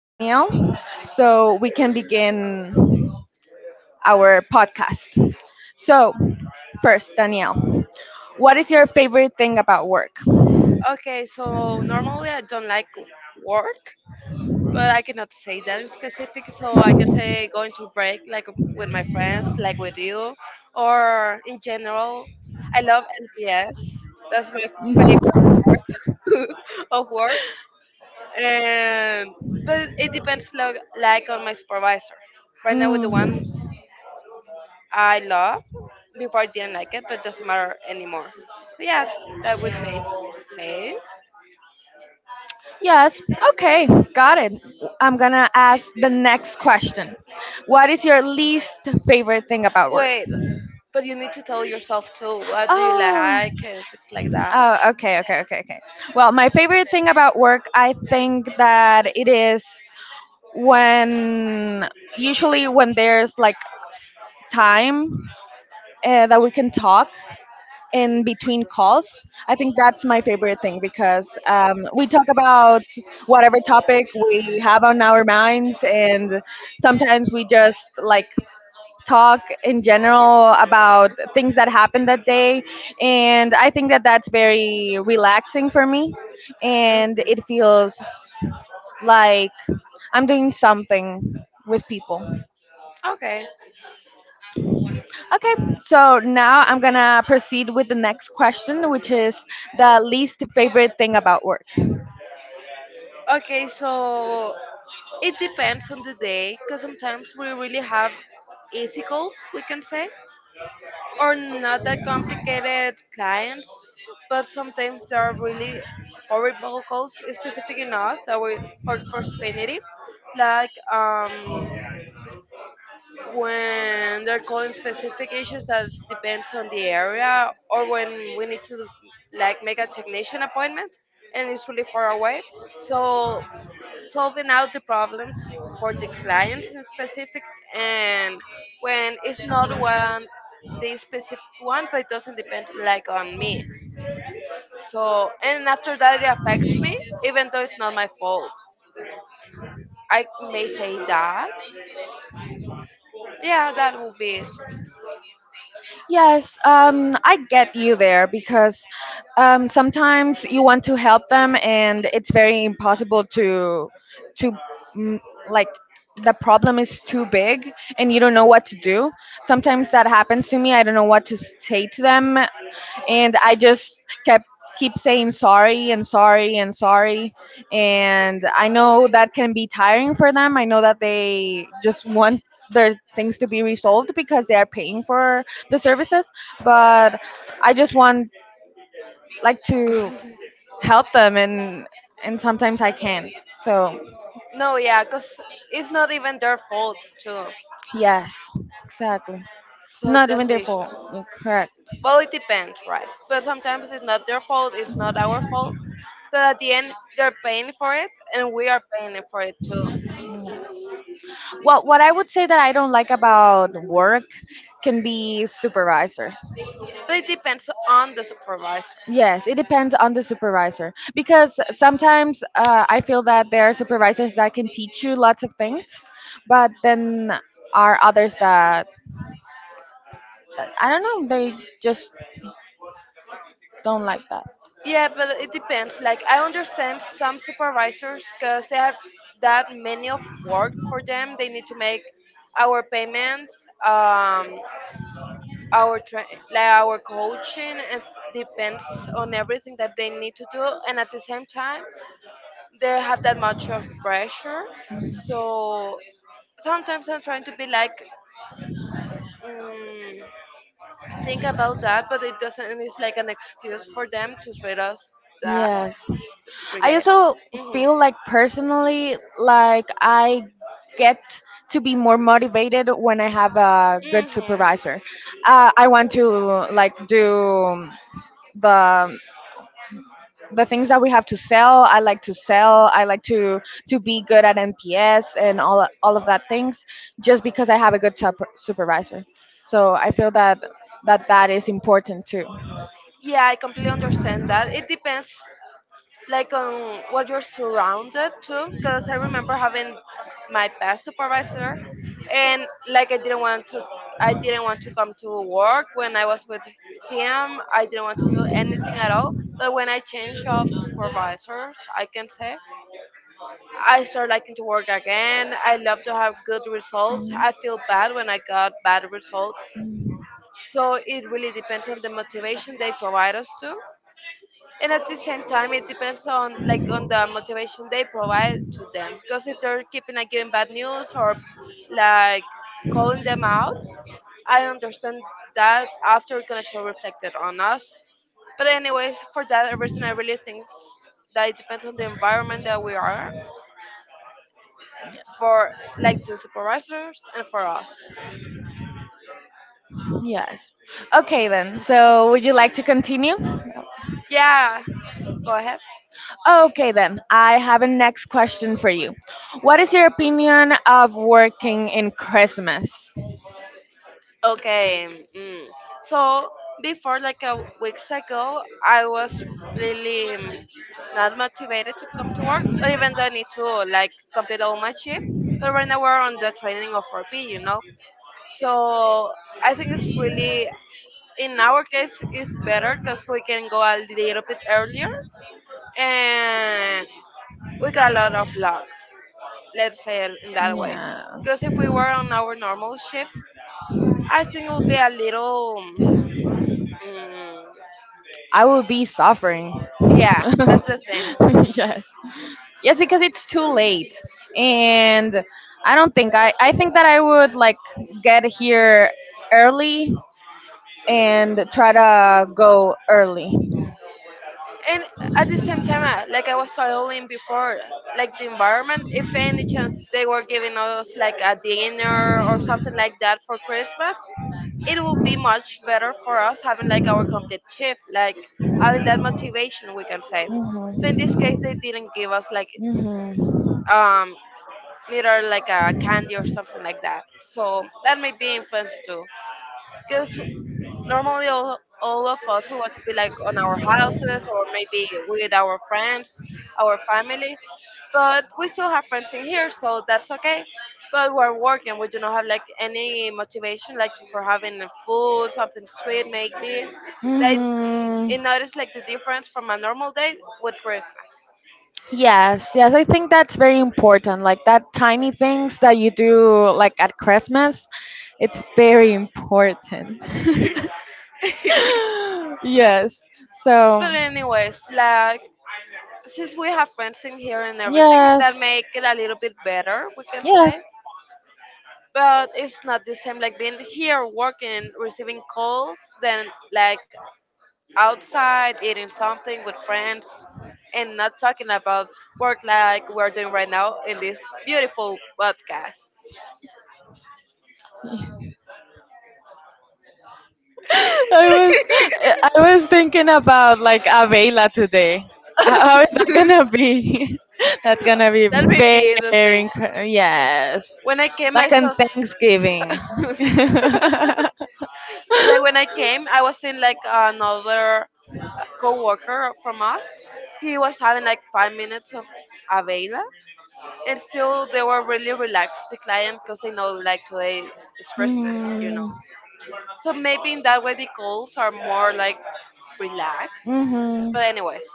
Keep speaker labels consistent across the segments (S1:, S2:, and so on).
S1: Daniel so we can begin our podcast. So, first, Danielle, what is your favorite thing about work?
S2: Okay, so normally I don't like work, but I cannot say that in specific. So I can say going to break, like with my friends, like with you, or in general. I love NPS. That's my favorite of work. Um, but it depends like on my supervisor. Right now with the one
S1: Mm,
S2: I love, before I didn't like it, but doesn't matter anymore. But yeah, that would make sense.
S1: yes. Okay. Got it. I'm going to ask the next question. What is your least favorite thing about work?
S2: Wait, but you need to tell yourself too. What do you
S1: Oh.
S2: like and things like that.
S1: Oh, okay, okay, okay, okay. Well, my favorite thing about work, I think that it is when usually when there's like time that we can talk in between calls. I think that's my favorite thing because we talk about whatever topic we have on our minds, and sometimes we just like talk in general about things that happened that day. And I think that that's very relaxing for me, and
S2: Hmm
S1: it feels like I'm doing something with people.
S2: Okay.
S1: Okay, so now I'm gonna proceed with the next question, which is the least favorite thing about work.
S2: Okay, so it depends on the day because sometimes we really have easy goals, we can say. Are not that complicated clients, but sometimes they are really horrible calls, specific in us that we work for Spinity. Like when they're calling specific issues that depends on the area, or when we need to like make a technician appointment and it's really far away. So solving out the problems for the clients in specific, and when it's not one the specific one, but it doesn't depend like on me. So and after that it affects me, even though it's not my fault. I may say that, yeah, that would be it.
S1: Yes, I get you there because sometimes you want to help them, and it's very impossible to mm, like the problem is too big and you don't know what to do. Sometimes that happens to me. I don't know what to say to them and I just kept keep saying sorry and sorry and sorry and I know that can be tiring for them. I know that they just want their things to be resolved because they are paying for the services, but I just want like to help them and sometimes I can't. So,
S2: No, yeah, because it's not even their fault too,
S1: yes, exactly.
S2: so
S1: Not
S2: that's
S1: even their
S2: the issue.
S1: fault. Yeah, correct.
S2: Well, it depends, right? But sometimes it's not their fault, it's not our fault. But at the end, they're paying for it, and we are paying for it too.
S1: Yeah. Well, what I would say that I don't like about work can be supervisors.
S2: But it depends on the supervisor.
S1: Yes, it depends on the supervisor because sometimes I feel that there are supervisors that can teach you lots of things, but then are others that I don't know, they just don't like that.
S2: Yeah, but it depends. Like I understand some supervisors because they have that many of work for them. They need to make our payments, our like our coaching. It depends on everything that they need to do, and at the same time, they have that much of pressure. So sometimes I'm trying to be like, mm, think about that, but it doesn't. It's like an excuse for them to treat us that
S1: Yes. I
S2: relate.
S1: also
S2: Mhm.
S1: feel like personally, like I get to be more motivated when I have a good
S2: Mhm.
S1: supervisor. I want to like do the the things that we have to sell. I like to sell. I like to be good at NPS and all of that things just because I have a good supervisor, so I feel that that is important too.
S2: Yeah, I completely understand that. It depends. Like on what you're surrounded to, because I remember having my past supervisor, and like I didn't want to come to work when I was with him. I didn't want to do anything at all. But when I changed of supervisors, I can say I started liking to work again. I love to have good results, I feel bad when I got bad results. So it really depends on the motivation they provide us to, and at the same time it depends on like on the motivation they provide to them, because if they're keeping like giving bad news or like calling them out, I understand that after it gonna show reflected on us. But anyways, for that reason I really think that it depends on the environment that we are for, like the supervisors and for us.
S1: Yes. Okay then, so would you like to continue?
S2: Yeah, go ahead.
S1: Okay then, I have a next question for you. What is your opinion of working in Christmas
S2: Okay. Mm. So before, like a weeks ago, I was really not motivated to come to work, but even though I need to like complete all my shift. But right now we're on the training of 4P, you know. So I think it's really, in our case, it's better because we can go a little bit earlier and we got a lot of luck. Let's say it in that way.
S1: together? Because
S2: Because if we were on our normal shift, I think it would be a little. Mm,
S1: I would be suffering.
S2: yeah, that's the thing.
S1: yes. Yes, because it's too late. And I don't think I think that I would like get here early and try to go early.
S2: And at the same time, like I was telling before, like the environment, if any chance they were giving us like a dinner or something like that for Christmas, it would be much better for us having like our complete shift, like having that motivation, we can say. But in this case, they didn't give us like
S1: Mhm.
S2: um neither like a candy or something like that. So that may be influence too, because normally all of us we want to be like on our houses or maybe with our friends, our family. But we still have friends in here, so that's okay. But we're working, we do not have like any motivation, like for having food, something sweet maybe. They
S1: Mhm.
S2: it notice like the difference from a normal day with Christmas.
S1: Mhm. Yes, yes, I think that's very important. Like that tiny things that you do like at Christmas, it's very important. yes. So,
S2: But anyways, like since we have friends in here and everything, that
S1: yes.
S2: make it a little bit better, we can
S1: Yes.
S2: say. But it's not the same like being here working receiving calls than like outside eating something with friends, and not talking about work like we're doing right now in this beautiful podcast.
S1: I was thinking about like Avela today. How is that going
S2: That
S1: to be? That's going to be
S2: may
S1: very,
S2: be the
S1: very,
S2: thing
S1: yes.
S2: when I came I
S1: Like on
S2: saw.
S1: Thanksgiving.
S2: Like when I came, I was in like another co-worker from us, he was having like 5 minutes of avela. And still, they were really relaxed, the client, because they know like today is Christmas, you know. So maybe in that way the calls are more like relaxed.
S1: Mm-hmm.
S2: But anyways,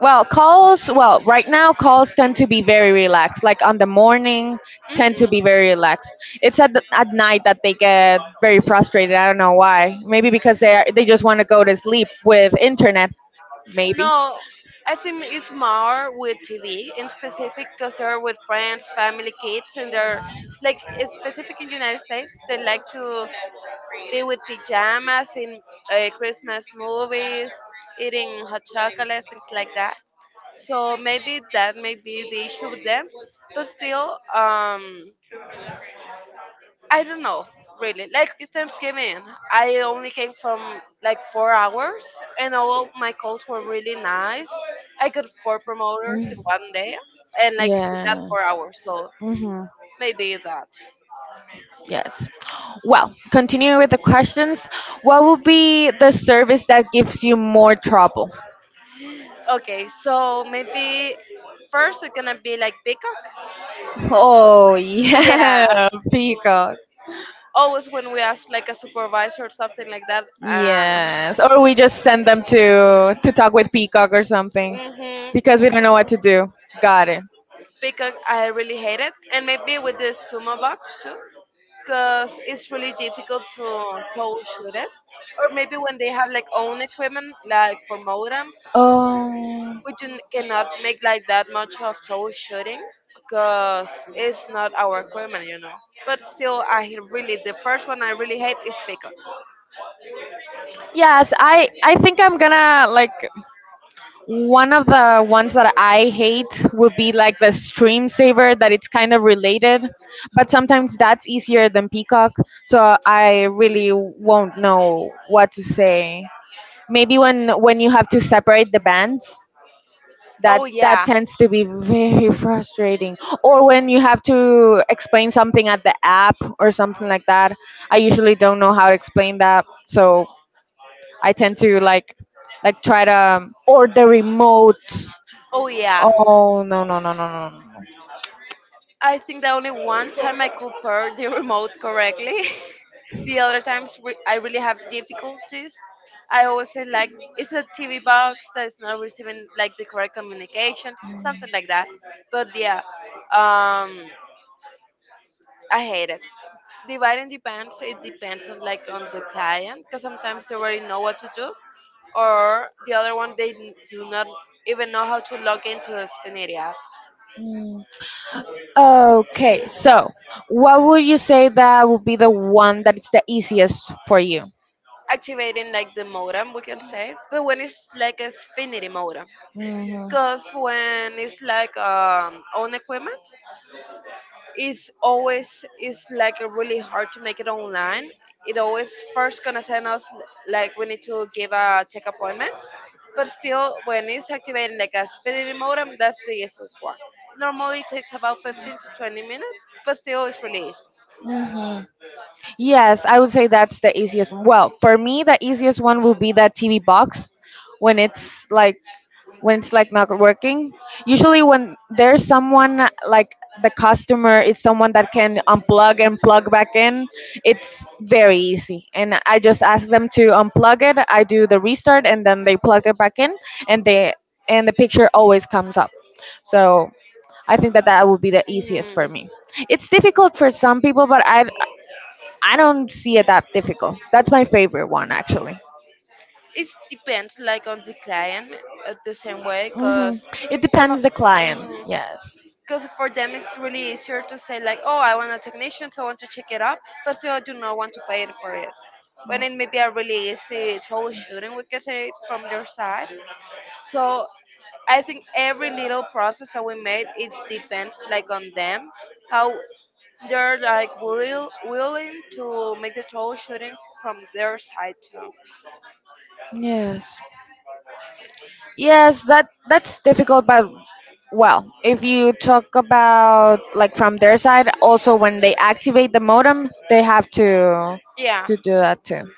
S1: Well, calls, well, right now calls tend to be very relaxed. Like on the morning, tend to
S2: hmm
S1: be very relaxed. It's at night that they get very frustrated. I don't know why. Maybe because they just want to go to sleep with internet, maybe.
S2: no, I think it's more with TV in specific, because they're with friends, family, kids, and they're like it's specific in United States. They like to be with pajamas in Christmas movies, eating hot chocolate, things like that. So maybe that may be the issue with them. But still, I don't know, really. Like Thanksgiving, I only came from like 4 hours, and all my calls were really nice. I got four promoters in
S1: Mm,
S2: one day, and like in that
S1: yeah.
S2: 4 hours. So
S1: Hmm.
S2: maybe that.
S1: Yes. Well, continuing with the questions, what would be the service that gives you more trouble?
S2: Okay, so maybe first it's gonna be like Peacock.
S1: Oh,
S2: Yeah,
S1: yeah, Pico.
S2: always when we ask like a supervisor or something like that. Uh,
S1: Yes, or we just send them to talk with Peacock or something because
S2: hmm
S1: we don't know what to do. Got it.
S2: Because I really hate it. And maybe with this sumo box too, because it's really difficult to pole shoot it. Or maybe when they have like own equipment like for modems,
S1: Um.
S2: cannot make like that much of pole shooting, because it's not our equipment, you know. But still I really the first one I really hate is Peacock.
S1: Yes, I think I'm gonna like one of the ones that I hate would be like the stream saver that it's kind of related, but sometimes that's easier than Peacock, so I really won't know what to say. Maybe when you have to separate the bands that
S2: Oh
S1: that
S2: yeah.
S1: tends to be very frustrating or when you have to explain something at the app or something like that I usually don't know how to explain that, so I tend to like try to or the remote
S2: Oh yeah.
S1: oh no no no no no no no.
S2: I think that only one time I could pair the remote correctly. The other times I really have difficulties. I always say like it's a TV box that is not receiving like the correct communication, something like that. But yeah, um, I hate it. Divide and depends. It depends on like on the client, because sometimes they already know what to do, or the other one they do not even know how to log into the Spheneria.
S1: Mm. Okay, so what would you say that would be the one that is the easiest for you?
S2: Activating like the modem, we can say. But when it's like a Xfinity modem,
S1: Hmm.
S2: because when it's like own equipment, it's always it's like really hard to make it online. It always first gonna send us like we need to give a check appointment. But still when it's activating like a Xfinity modem, that's the easiest one. Normally it takes about 15 to 20 minutes, but still it's really easy.
S1: Yes, I would say that's the easiest one. Well, for me, the easiest one will be that TV box when it's like when it's like not working. Usually, when there's someone like the customer is someone that can unplug and plug back in, it's very easy. And I just ask them to unplug it. I do the restart, and then they plug it back in, and they and the picture always comes up. So I think that that would be the easiest for
S2: Mm,
S1: me. It's difficult for some people, but I don't see it that difficult. That's my favorite one actually.
S2: it depends like on the client the same way,
S1: Hmm.
S2: because
S1: It
S2: some
S1: depends the client. Yes.
S2: because for them it's really easier to say like oh I want a technician so I want to check it up, but still I do not want to pay it for it, when it may be a really easy troubleshooting, we can say, from their side. So I think every little process that we made it depends like on them, how they're like willing to make the troubleshooting from their side too.
S1: Yes. Yes, that's difficult but well, if you talk about like from their side also when they activate the modem, they have to
S2: Yeah.
S1: to do that too.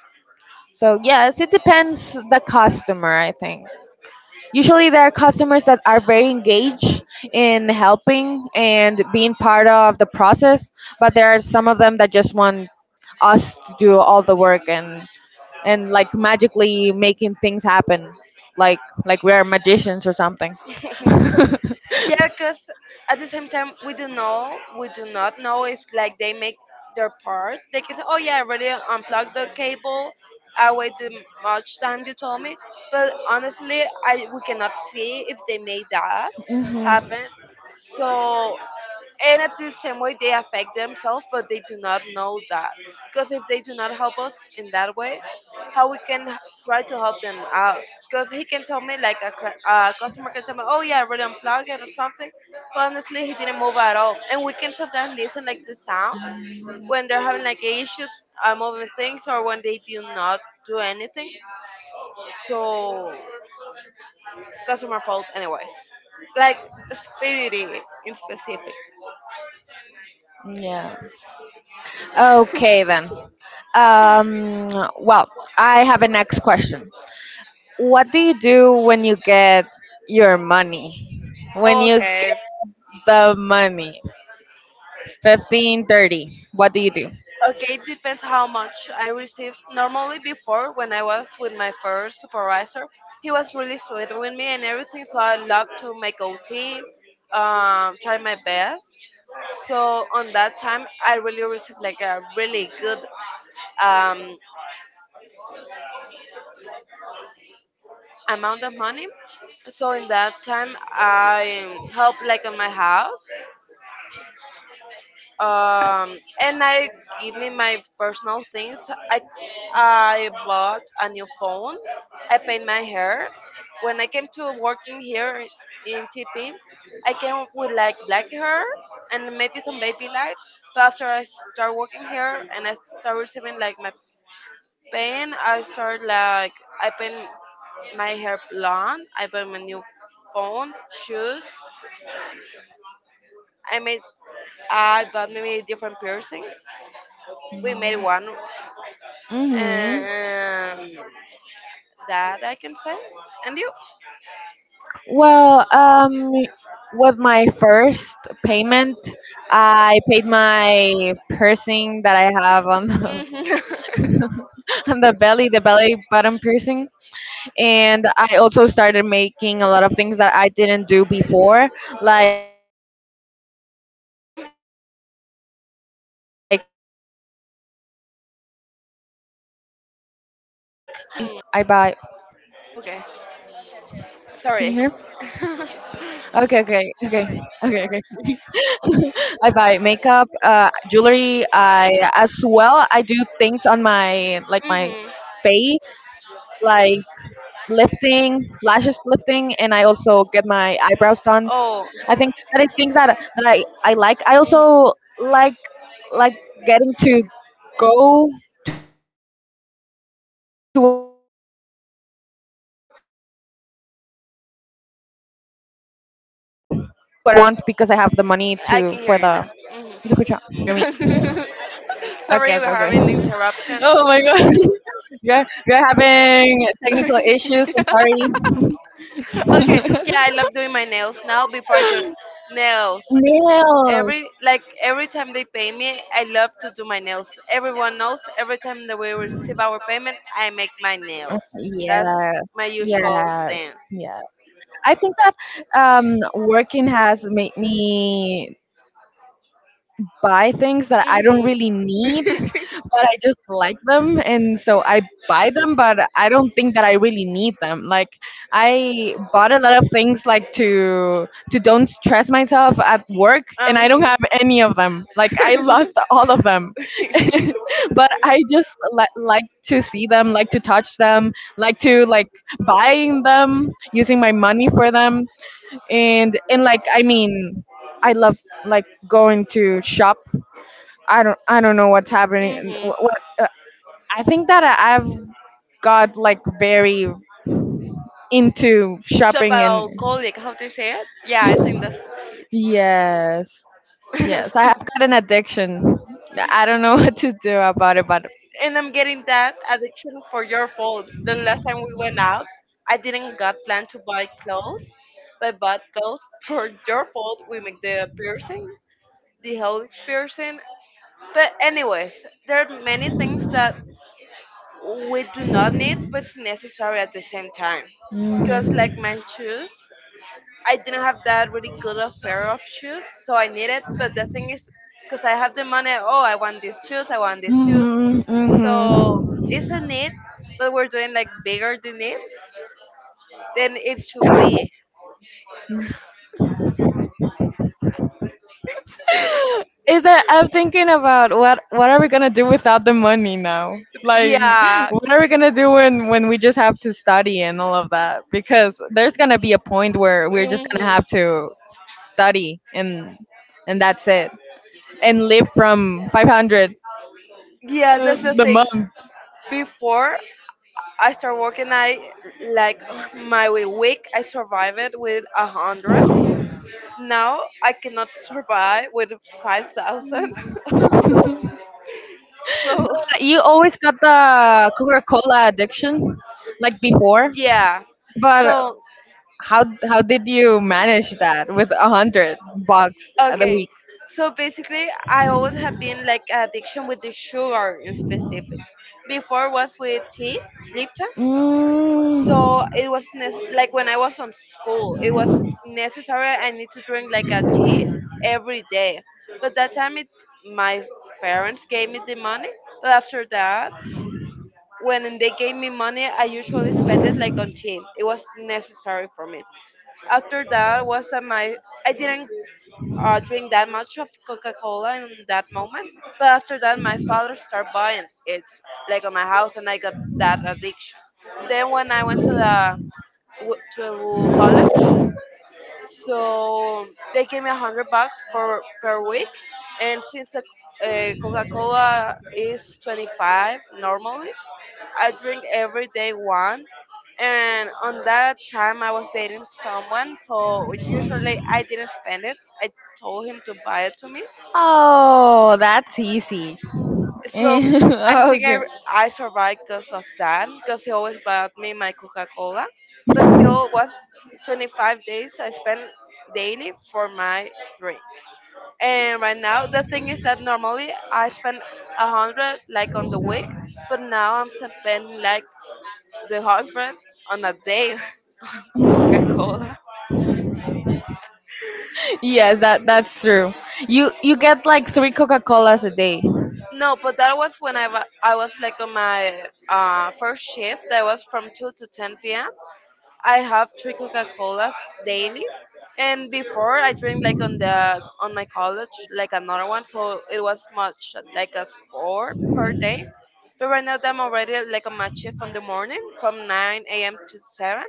S1: So yes, it depends the customer, I think. Usually, there are customers that are very engaged in helping and being part of the process, but there are some of them that just want us to do all the work and like magically making things happen, like like we are magicians or something.
S2: Yeah, because at the same time we do not know if like they make their part. They can say, "Oh yeah, I already unplugged the cable. I waited much time you told me." But honestly, I we cannot see if they made that
S1: Hmm.
S2: happen. So and at the same way, they affect themselves, but they do not know that. Because if they do not help us in that way, how we can try to help them out? Because he can tell me, like a customer can tell me, oh yeah, I really unplugged it or something. But honestly, he didn't move at all. And we can sometimes listen like the sound when they're having like issues moving things or when they do not do anything. So customer fault anyways. Like Speedy in specific.
S1: Yeah. Okay then. Um, well, I have a next question. What do you do when you get your money? When you
S2: Okay.
S1: get the money? 15:30. What do you do?
S2: Okay, it depends how much I receive. Normally, before when I was with my first supervisor, he was really sweet with me and everything. So I love to make OT, try my best. So on that time, I really received like a really good um, amount of money. So in that time, I helped like on my house, and I give me my personal things. I I bought a new phone. I paint my hair. When I came to working here in TP, I came with like black hair and maybe some baby lights. But after I start working here and I start receiving like my paint, I start like I paint my hair blonde. I bought my new phone, shoes. I made I bought maybe different piercings we made one
S1: Mm-hmm.
S2: and that I can say. And you?
S1: Well, with my first payment, I paid my piercing that I have on
S2: Hmm.
S1: on the belly button piercing, and I also started making a lot of things that I didn't do before. Like
S2: Hmm.
S1: right now, I buy makeup, I buy jewelry, I buy. Can you hear?
S2: Okay.
S1: Okay, okay,
S2: Sorry.
S1: okay, okay, okay. I buy makeup, jewelry. I as well. I do things on my face,
S2: Hmm.
S1: like lifting, lashes lifting, and I also get my eyebrows done. I think
S2: Oh,
S1: that is things that I like. I
S2: mhm.
S1: also like like getting to go to whatever place I want because I have the money to for the. Escucha, you're not able to hear me.
S2: I can hear you now.
S1: Okay,
S2: Hmm.
S1: okay, okay. Oh my god.
S2: Sorry, we're
S1: We're,
S2: having
S1: we're
S2: interruptions.
S1: having technical issues. I'm sorry.
S2: Okay. Yeah, I love doing my nails now. Before I do nails.
S1: Nails.
S2: Every Like every time they pay me, I love to do my nails. Everyone knows every time that we receive our payment, I make my nails. That's
S1: Yes.
S2: my usual
S1: Yes.
S2: thing.
S1: Yeah. I think that working has made me buy things that I don't
S2: Hmm.
S1: really need, but I just like them. And so I buy them, but I don't think that I really need them. Like I bought a lot of things like to don't stress myself at work and I don't
S2: Hmm.
S1: have any of them. Like I lost all of them.
S2: Hmm.
S1: but I just like to see them, like to touch them, like to like buying them, using my money for them. And like I mean, I love like going to shop I don't know what's happening. What I think that I've got like very into shopping and
S2: Shopaholic? How do you say it? Yeah, I think that's
S1: yes,
S2: it.
S1: yes, I have got an addiction. I don't know what to do about it, but
S2: And I'm getting that addiction for your fault. The last time we went out, I didn't got plan to buy clothes, but bought clothes for your fault. We make the piercing, the whole piercing. But anyways, there are many things that we do not need, but it's necessary at the same time. Because like my shoes, I didn't have that really good of pair of shoes, so I needed. But the thing is, because I have the money, oh, I want these shoes, I want these shoes.
S1: hmm
S2: So
S1: hmm
S2: isn't it, but we're doing like bigger the need than it? Then it should be.
S1: is that I'm thinking about what are we gonna do without the money now? Like, yeah.
S2: Yeah.
S1: What are we gonna do when we just have to study and all of that? Because there's gonna be a point where we're just gonna
S2: Hmm.
S1: have to study and that's it, and live from 500
S2: Yeah, that's the
S1: the
S2: thing.
S1: month.
S2: Before I start working, I, like, my week I survived it with 100. Now I cannot survive with 5,000. So
S1: You always got the Coca-Cola addiction, like before.
S2: yeah.
S1: But
S2: So
S1: how did you manage that with $100 at a
S2: okay.
S1: week?
S2: So basically, I always have been like addiction with the sugar in specific. Before was with tea, Lipton.
S1: Mm.
S2: So it was like when I was on school, it was necessary. I need to drink like a tea every day. But that time, it, my parents gave me the money. But after that, when they gave me money, I usually spend it like on tea. It was necessary for me. After that was that my I didn't drink that much of Coca-Cola in that moment. But after that, my father started buying it, like on my house, and I got that addiction. Then when I went to the to college, so they gave me 100 bucks for per week, and since the Coca-Cola is 25 normally, I drink every day one. And on that time, I was dating someone, so usually I didn't spend it. I told him to buy it to me.
S1: Oh, that's easy.
S2: So I think I
S1: okay.
S2: I survived because of that, because he always bought me my Coca Cola. But still, it was 25 days I spent daily for my drink. And right now, the thing is that normally I spend 100 like on the week, but now I'm spending like the husband on a date Coca Cola.
S1: Yes, that's true. You get like three Coca Colas a day.
S2: No, but that was when I was like on my first shift. That was from 2 to 10 p.m. I have three Coca Colas daily. And before I drink like on my college like another one, so it was much like as four per day. But right now I'm already like on my shift on the morning from 9 a.m. to 7.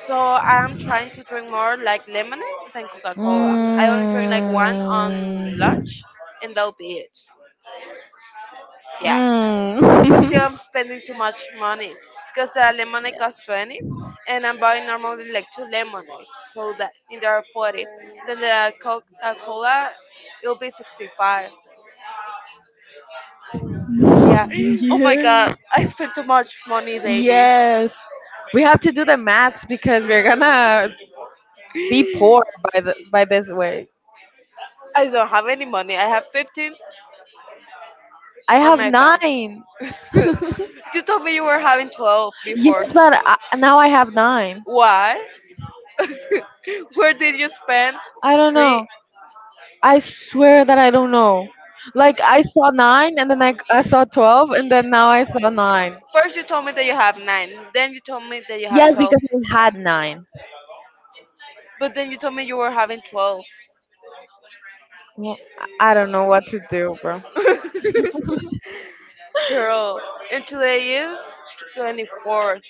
S2: So I'm trying to drink more like lemonade than Coca-Cola. I only drink like one on
S1: Mm.
S2: lunch, and that'll be it. Yeah, but still
S1: Mm.
S2: I'm spending too much money because the lemonade costs 20, and I'm buying normally like two lemonades, so that in there are 40. Then the Coca-Cola, it'll be 65. So yeah, oh my God,
S1: yes.
S2: I spend too much money daily.
S1: Yes. We have to do the maths because we're gonna be poor by this way.
S2: I don't have any money. I have 15
S1: I
S2: on
S1: have
S2: my account.
S1: nine. yes,
S2: You told me you were having 12 before.
S1: but now I have nine.
S2: Why? Where did you spend
S1: I don't
S2: three?
S1: know. I swear that I don't know. Like I saw nine, and then I saw 12, and then now I saw nine.
S2: First, you told me that you have 9. Then you told me that you have
S1: Yes,
S2: 12.
S1: because we had nine.
S2: But then you told me you were having 12.
S1: Well, I don't know what to do, bro.
S2: Girl, and today is 24th.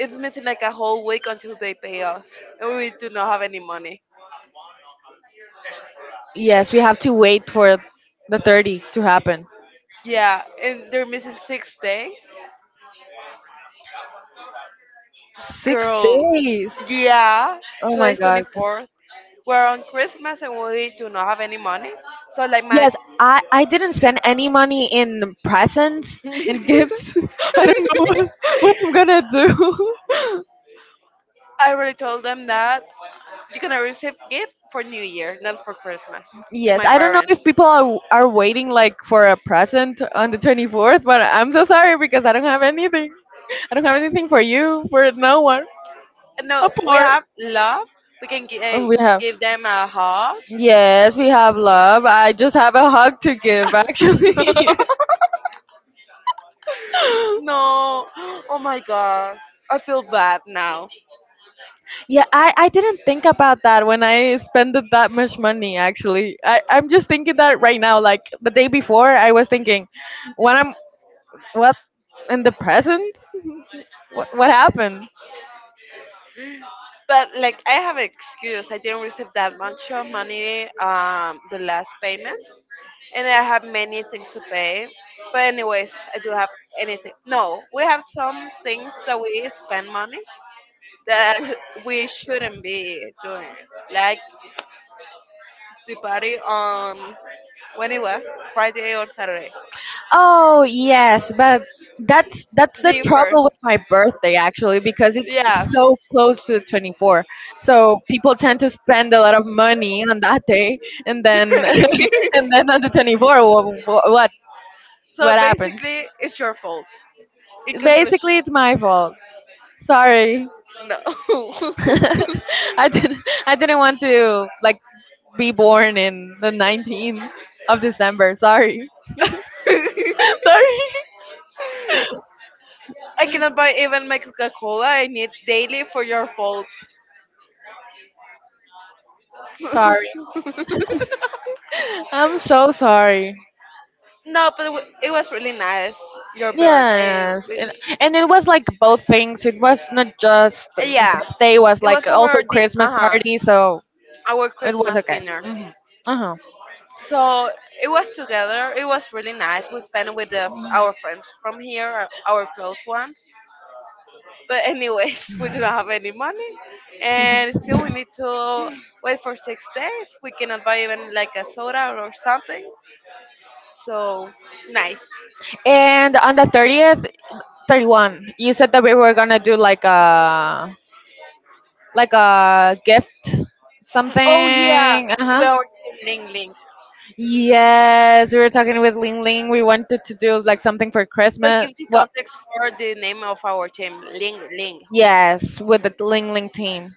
S2: It's missing like a whole week until they pay us. And we do not have any money.
S1: Yes, we have to wait for the 30th to happen.
S2: Yeah, and they're missing 6 days.
S1: Six
S2: Girl,
S1: days.
S2: yeah,
S1: Oh my
S2: today's
S1: god.
S2: 24th. We're on Christmas and we do not have any money. So, like, my.
S1: Yes, I didn't spend any money in presents, in
S2: Minimum,
S1: gifts. I don't know what I'm gonna do.
S2: I already told them that you're gonna receive gift for New Year, not for Christmas, to
S1: Yes,
S2: my
S1: I don't know
S2: parents.
S1: if people are waiting like for a present on the 24th, but I'm so sorry because I don't have anything. I don't have anything for you, for no one.
S2: And
S1: I'm
S2: no, we
S1: poor.
S2: have love. We can
S1: And we have
S2: give them a hug.
S1: Yes, we have love. I just have a hug to give actually.
S2: No, oh my god, I feel bad now.
S1: Yeah, I didn't think about that when I spent that much money actually. I'm just thinking that right now, like the day before I was thinking, when I'm what in the present? What happened?
S2: But like, I have an excuse. I didn't receive that much of money the last payment, and I have many things to pay. But anyways, I do have anything. No, we have some things that we spend money that we shouldn't be doing it. Like the party on when it was Friday or Saturday.
S1: Oh yes, but that's the
S2: Differ.
S1: trouble with my birthday actually because it's
S2: Yeah.
S1: so close to the 24. So people tend to spend a lot of money on that day and then and then on the 24 what what,
S2: So
S1: what happens?
S2: basically, it's your fault. In conclusion,
S1: Basically it's my fault. Sorry.
S2: no.
S1: I didn't I didn't want to like be born in the 19th of December. Sorry. Sorry.
S2: I cannot buy even my Coca Cola. I need daily for your fault.
S1: Sorry. I'm so sorry.
S2: No, but it was really nice. Your birthday.
S1: Yes, and it was like both things. It was not just
S2: Yeah,
S1: birthday; it was
S2: it was
S1: like also
S2: our di- uh
S1: Christmas
S2: huh
S1: party. So
S2: our
S1: it was
S2: Christmas
S1: okay.
S2: dinner.
S1: Uh huh.
S2: So it was together. It was really nice. We spent it with our friends from here, our close ones. But anyways, we do not have any money, and still we need to wait for 6 days. We cannot buy even like a soda or something. So nice.
S1: And on the 30th, 31, you said that we were gonna do like a gift
S2: Oh yeah,
S1: something. Uh
S2: we
S1: huh.
S2: are Team Ling Ling.
S1: Yes, we were talking with Ling Ling. We wanted to do like something for
S2: But
S1: Christmas.
S2: give the
S1: Well,
S2: context for the name of our team, Ling Ling.
S1: yes, with the Ling Ling team.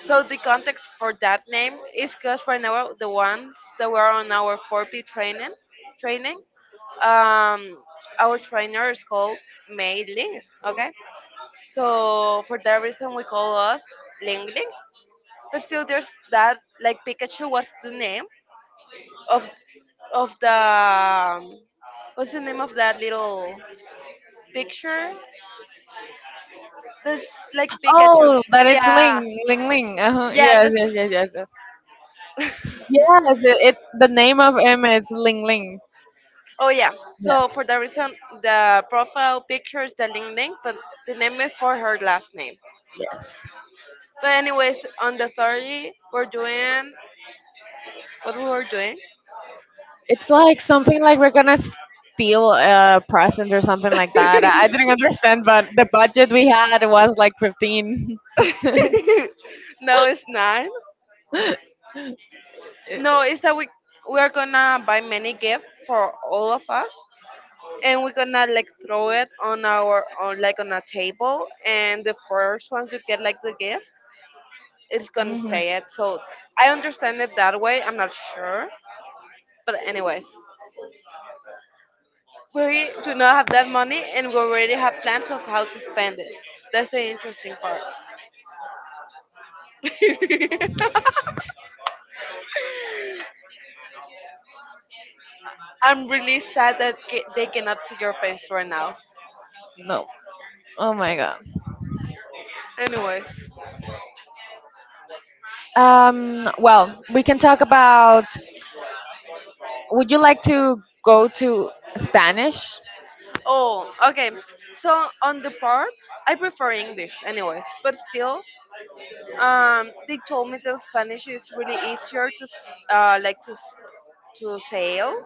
S2: So the context for that name is because right now the ones that were on our 4P training. um, our trainer is called Mei Ling. Okay, so for that reason we call us Ling Ling. But still, there's that like Pikachu. What's the name of of the what's the name of that little picture? This like Pikachu.
S1: Oh, that it's
S2: Yeah,
S1: Ling Ling Ling. Uh huh.
S2: yeah.
S1: Yes,
S2: This.
S1: yes, yes, yes, yes. Yes, it's the name of him is Ling Ling.
S2: Oh yeah. So
S1: Yes,
S2: for that reason, the profile picture is the Ling Ling, but the name is for her last name. But anyways, on the 30th, we're doing what we were doing.
S1: it's like something like we're gonna steal a present or something like that. I I didn't understand, but the budget we had was like 15.
S2: No, it's not. No, it's that we are gonna buy many gifts for all of us, and we're gonna like throw it on our on like on a table, and the first one to get like the gift is gonna
S1: Mhm.
S2: stay it. So I understand it that way. I'm not sure, but anyways, we do not have that money, and we already have plans of how to spend it. That's the interesting part. I'm really sad that they cannot see your face right now.
S1: No. Oh my god.
S2: Anyways.
S1: Well, we can talk about. Would you like to go to Spanish?
S2: Oh, okay. So on the part, I prefer English, anyways. But still, they told me that Spanish is really easier like to sell.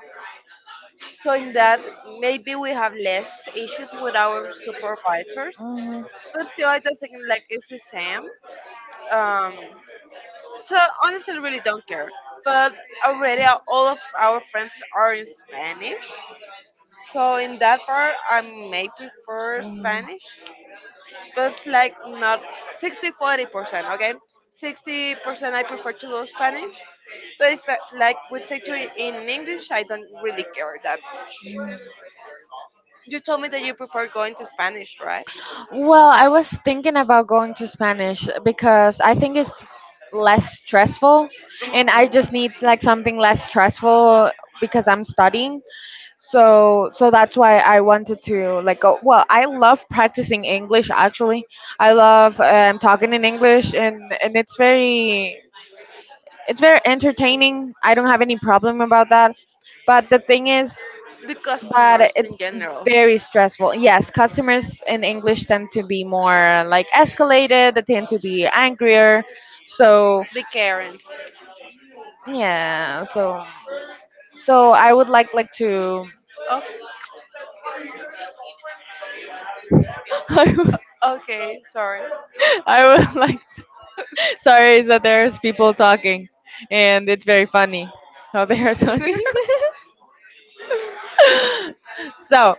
S2: So in that, maybe we have less issues with our supervisors. But still, I don't think like it's the same. Um, So honestly, I really don't care. But already all of our friends are in Spanish. So in that part, I may prefer
S1: Mhm.
S2: Spanish, but it's like not 60/40 percent okay? 60% I prefer to go Spanish, but if I, like we stick to it in English, I don't really care that much. You told me that you prefer going to Spanish, right?
S1: Well, I was thinking about going to Spanish because I think it's less stressful and I just
S2: Mm-hmm.
S1: need like something less stressful because I'm studying. So that's why I wanted to like go well, I love practicing English actually. I love talking in English and it's very entertaining. I don't have any problem about that. But the thing is
S2: The
S1: but
S2: customers in
S1: it's
S2: general,
S1: very stressful. Yes, customers in English tend to be more like escalated. They tend to be angrier. So
S2: the Karens.
S1: yeah, so I would like to
S2: Oh,
S1: I would,
S2: okay, sorry.
S1: I would like sorry is that there's people talking and it's very funny how they
S2: Just
S1: are talking.
S2: kidding.
S1: so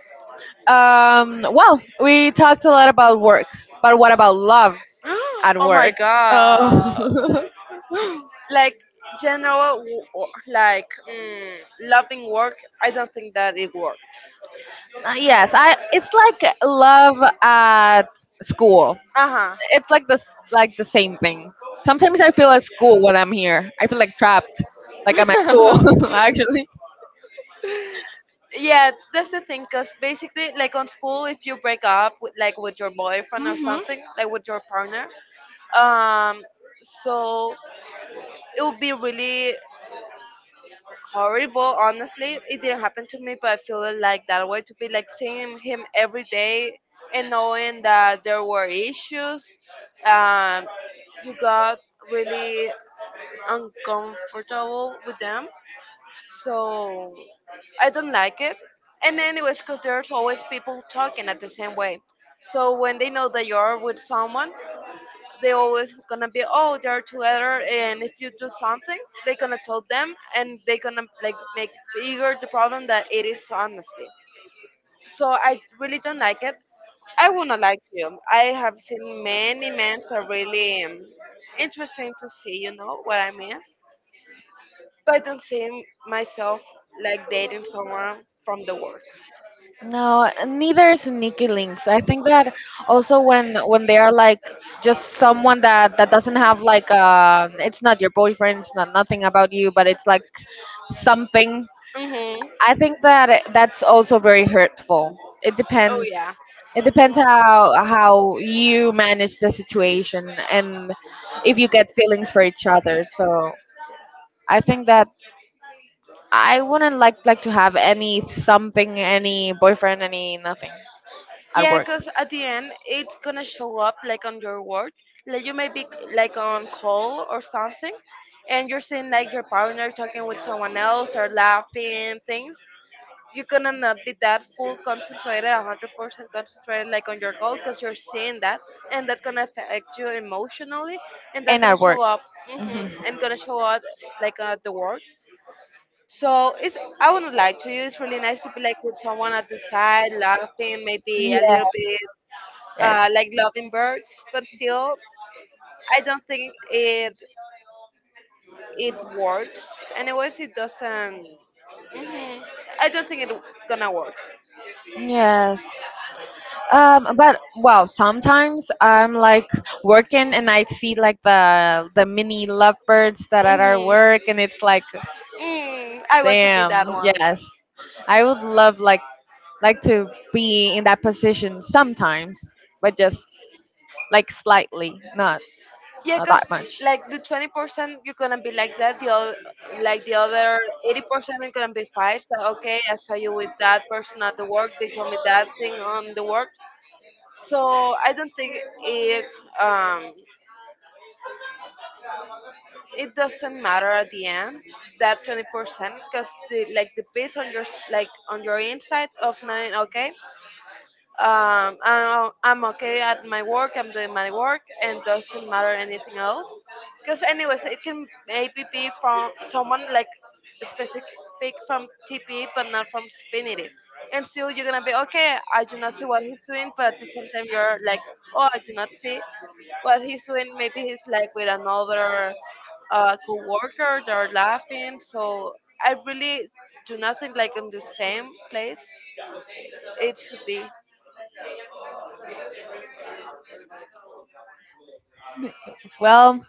S1: well, we talked a lot about work, but what about love at
S2: Oh my
S1: work?
S2: god.
S1: Oh
S2: Like general like loving work, I don't think that it worked.
S1: Yes, I. It's like love at school.
S2: Uh-huh.
S1: It's like this, like the same thing. Sometimes I feel at school when I'm here. I feel like trapped, like I'm at school actually.
S2: Yeah, that's the thing cuz basically like on school if you break up with like with your boyfriend or
S1: Hmm.
S2: something, like with your partner, um so it would be really horrible. Honestly, it didn't happen to me, but I feel it like that way to be like seeing him every day and knowing that there were issues. Um, you got really uncomfortable with them, so I don't like it. And anyways, because there's always people talking at the same way. So when they know that you're with someone, they always gonna be, oh, they're together, and if you do something, they gonna tell them, and they gonna like make bigger the problem that it is, honestly. So I really don't like it. I would not like. You, I have seen many men that are really interesting to see. You know what I mean? But I don't see myself like dating someone from the work.
S1: No, neither is Nikki Links. I think that also when they are like just someone that doesn't have like it's not your boyfriend, it's not nothing about you, but it's like something.
S2: Hmm.
S1: I think that that's also very hurtful. It
S2: Oh
S1: depends.
S2: yeah.
S1: It depends how you manage the situation and if you get feelings for each other. So I think that I wouldn't like to have any something, any boyfriend, any nothing at
S2: Yeah,
S1: work
S2: because at the end it's gonna show up like on your work. Like you may be like on call or something, and you're seeing like your partner talking with someone else, they're laughing, things. You're gonna not be that full concentrated, 100% concentrated like on your goal, because you're seeing that, and that's gonna affect you emotionally, and that's
S1: and
S2: gonna
S1: at work.
S2: show up
S1: Mhm.
S2: and gonna show up like at the work. So it's I wouldn't lie to you. It's really nice to be like with someone at the side, laughing, maybe a
S1: Yeah.
S2: little bit
S1: Yes.
S2: like loving birds, but still, I don't think it works. Anyways, it doesn't. hmm I don't think it gonna work.
S1: Yes. But wow, sometimes I'm like working and I see like the mini lovebirds that are at our
S2: Hmm.
S1: work and it's like
S2: Mm, I want to be that
S1: damn,
S2: one.
S1: yes. I would love like to be in that position sometimes, but just like slightly, not
S2: Yeah,
S1: not
S2: cause
S1: that much.
S2: like the 20% you're gonna be like that. The other, like the other 80% is gonna be five. So okay, I saw you with that person at the work. They told me that thing on the work. So I don't think it um it doesn't matter at the end that 20% because the based on your like on your insight of knowing. Okay, I'm okay at my work. I'm doing my work, and doesn't matter anything else. Because anyways, it can maybe be from someone like specific from TP, but not from Xfinity. And still, you're gonna be okay. I do not see what he's doing, but at the same time, you're like, oh, I do not see what he's doing. Maybe he's like with another co-worker. They're laughing. So I really do not think like in the same place. It should be.
S1: Well,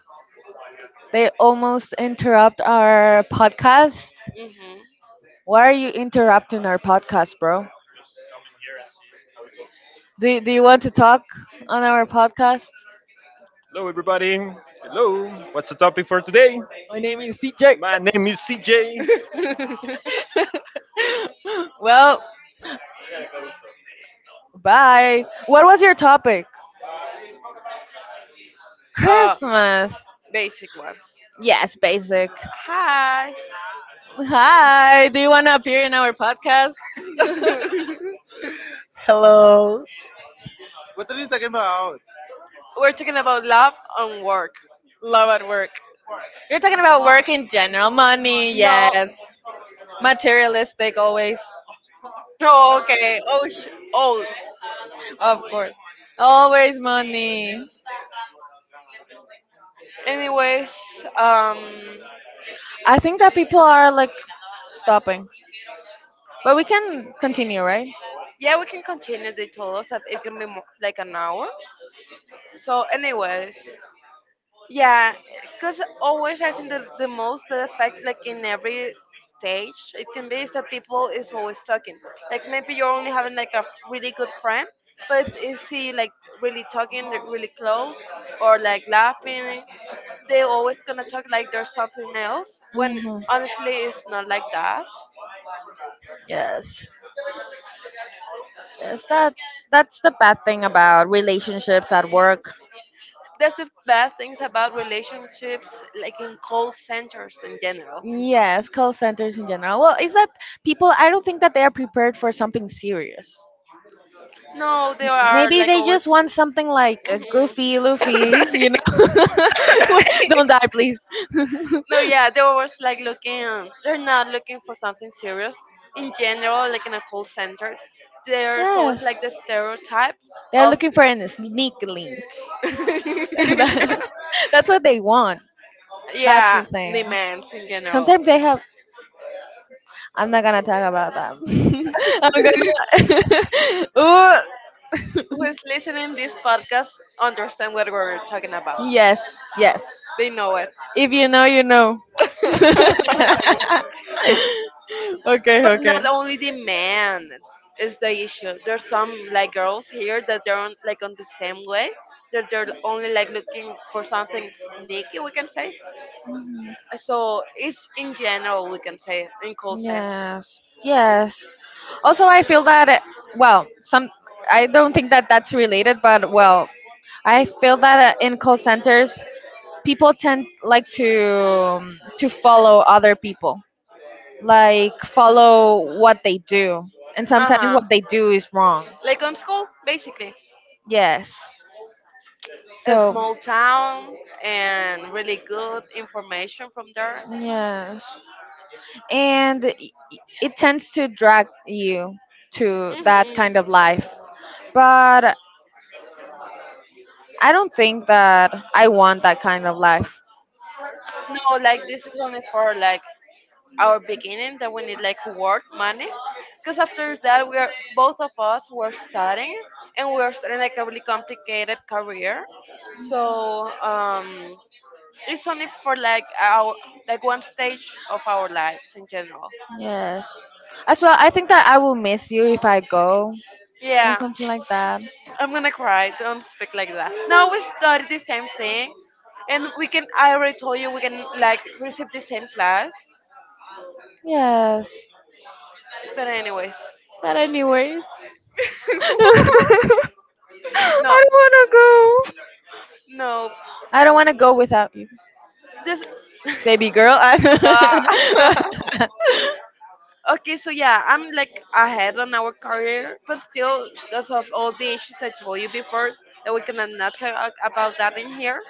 S1: they almost interrupt our podcast.
S2: Hmm.
S1: Why are you interrupting our podcast, bro? Do you want to talk on our podcast? Hello, everybody. Hello. What's the topic for today? Jake. My name is CJ. Well, bye. What was your topic?
S2: uh,
S1: Christmas.
S2: basic ones.
S1: Yes, basic.
S2: Hi.
S1: Hi, do you want to appear in our podcast?
S2: We're talking about love and work.
S1: Love at work. You're talking about work in general, money,
S2: No.
S1: yes. Materialistic, always.
S2: Oh, okay. Oh, sh- oh.
S1: Of course. Always money.
S2: Anyways, um,
S1: I think that people are like stopping. But we can continue, right?
S2: yeah, we can continue. They told us that it can be like an hour. So, anyways, yeah, because always I think that the most that affect like in every stage it can be is that people is always talking. Like maybe you're only having like a really good friend, but if is he like really talking, like, really close, or like laughing, they always gonna talk like there's something else when
S1: Hmm.
S2: honestly it's not like that.
S1: Yes. Yes, that's the bad thing about relationships at work.
S2: That's the bad things about relationships, like in call centers in general.
S1: Yes, call centers in general. Well, is that people, I don't think that they are prepared for something serious.
S2: No, they are
S1: Maybe
S2: like
S1: they just
S2: always.
S1: want something like a
S2: Mhm.
S1: goofy Luffy, you know? Don't die, please.
S2: no, yeah, they were always, like looking. They're not looking for something serious in general, like in a call center. There's always
S1: Yes,
S2: like the stereotype
S1: they're
S2: of
S1: looking for a sneak link. That's what they want. That's the
S2: yeah,
S1: thing.
S2: demands in general.
S1: Sometimes they have. I'm not gonna talk about that. I'm gonna. Ooh.
S2: Who's listening this podcast understand what we're talking about?
S1: Yes, yes.
S2: They know it.
S1: If you know, you know. Okay,
S2: But
S1: okay.
S2: not only the man is the issue. There's some like girls here that they're on, like on the same way. That they're only like looking for something sneaky, we can say. So it's in general, we can say in call center.
S1: Yes, yes. Also, I feel that, well, some, I don't think that that's related, but well, I feel that in call centers, people tend like to follow other people, like follow what they do, and
S2: Uh
S1: sometimes
S2: huh.
S1: what they do is wrong.
S2: Like on school, basically.
S1: Yes.
S2: A
S1: So
S2: small town and really good information from there.
S1: yes. And it tends to drag you to that kind of
S2: Hmm.
S1: life. But I don't think that I want that kind of life.
S2: No, like this is only for like our beginning that we need like work money, because after that we are both of us were studying, and we are starting like a really complicated career, so it's only for like our like one stage of our lives in general.
S1: Yes. As well, I think that I will miss you if I go or
S2: Yeah,
S1: something like that.
S2: I'm gonna cry. Don't speak like that. Now we study the same thing, and we can, I already told you, we can like receive the same class.
S1: Yes.
S2: But anyways,
S1: But anyways, I
S2: no.
S1: don't wanna go.
S2: No,
S1: I don't wanna go without you,
S2: this.
S1: baby girl.
S2: Uh, okay, so yeah, I'm like ahead on our career, but still, because of all the issues I told you before, that we cannot not talk about that in here,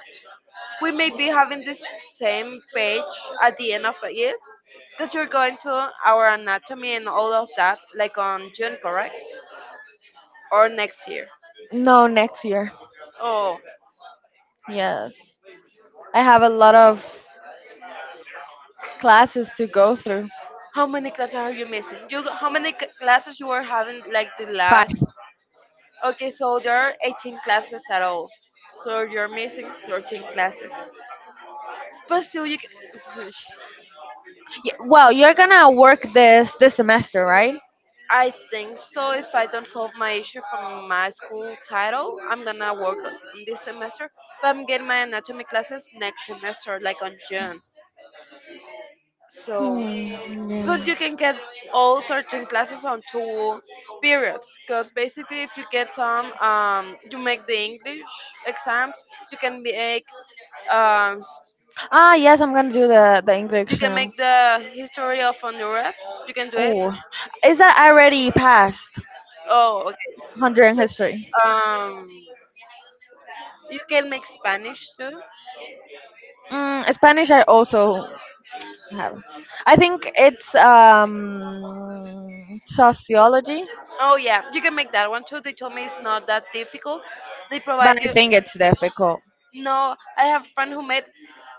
S2: we may be having the same page at the end of it, because you're going to our anatomy and all of that, like on June, correct? Or next year?
S1: No, next year.
S2: Oh,
S1: Yes. I have a lot of classes to go through.
S2: how many classes are you missing? You, how many classes you were having like the last.
S1: Five.
S2: Okay, so there are 18 classes at all. So you're missing 13 classes. But still, you can.
S1: Well, you're gonna work this semester, right?
S2: I think so. If I don't solve my issue from my school title, I'm gonna work on this semester. But I'm getting my anatomy classes next semester, like on June. So,
S1: Hmm.
S2: but you
S1: Yeah.
S2: can get all 13 classes on 2 periods. Because basically, if you get some, you make the English exams, you can make um,
S1: Yes, I'm gonna do the English
S2: you can
S1: exams.
S2: make the history of Honduras. You can do it.
S1: Oh, is that I already passed?
S2: Oh,
S1: 100
S2: okay.
S1: in
S2: So,
S1: history.
S2: um, you can make Spanish too.
S1: Mm, Spanish, I also have. I think it's sociology,
S2: Oh yeah, you can make that one too. They told me it's not that difficult. They
S1: but
S2: provide
S1: I
S2: you.
S1: think it's difficult.
S2: No, I have a friend who made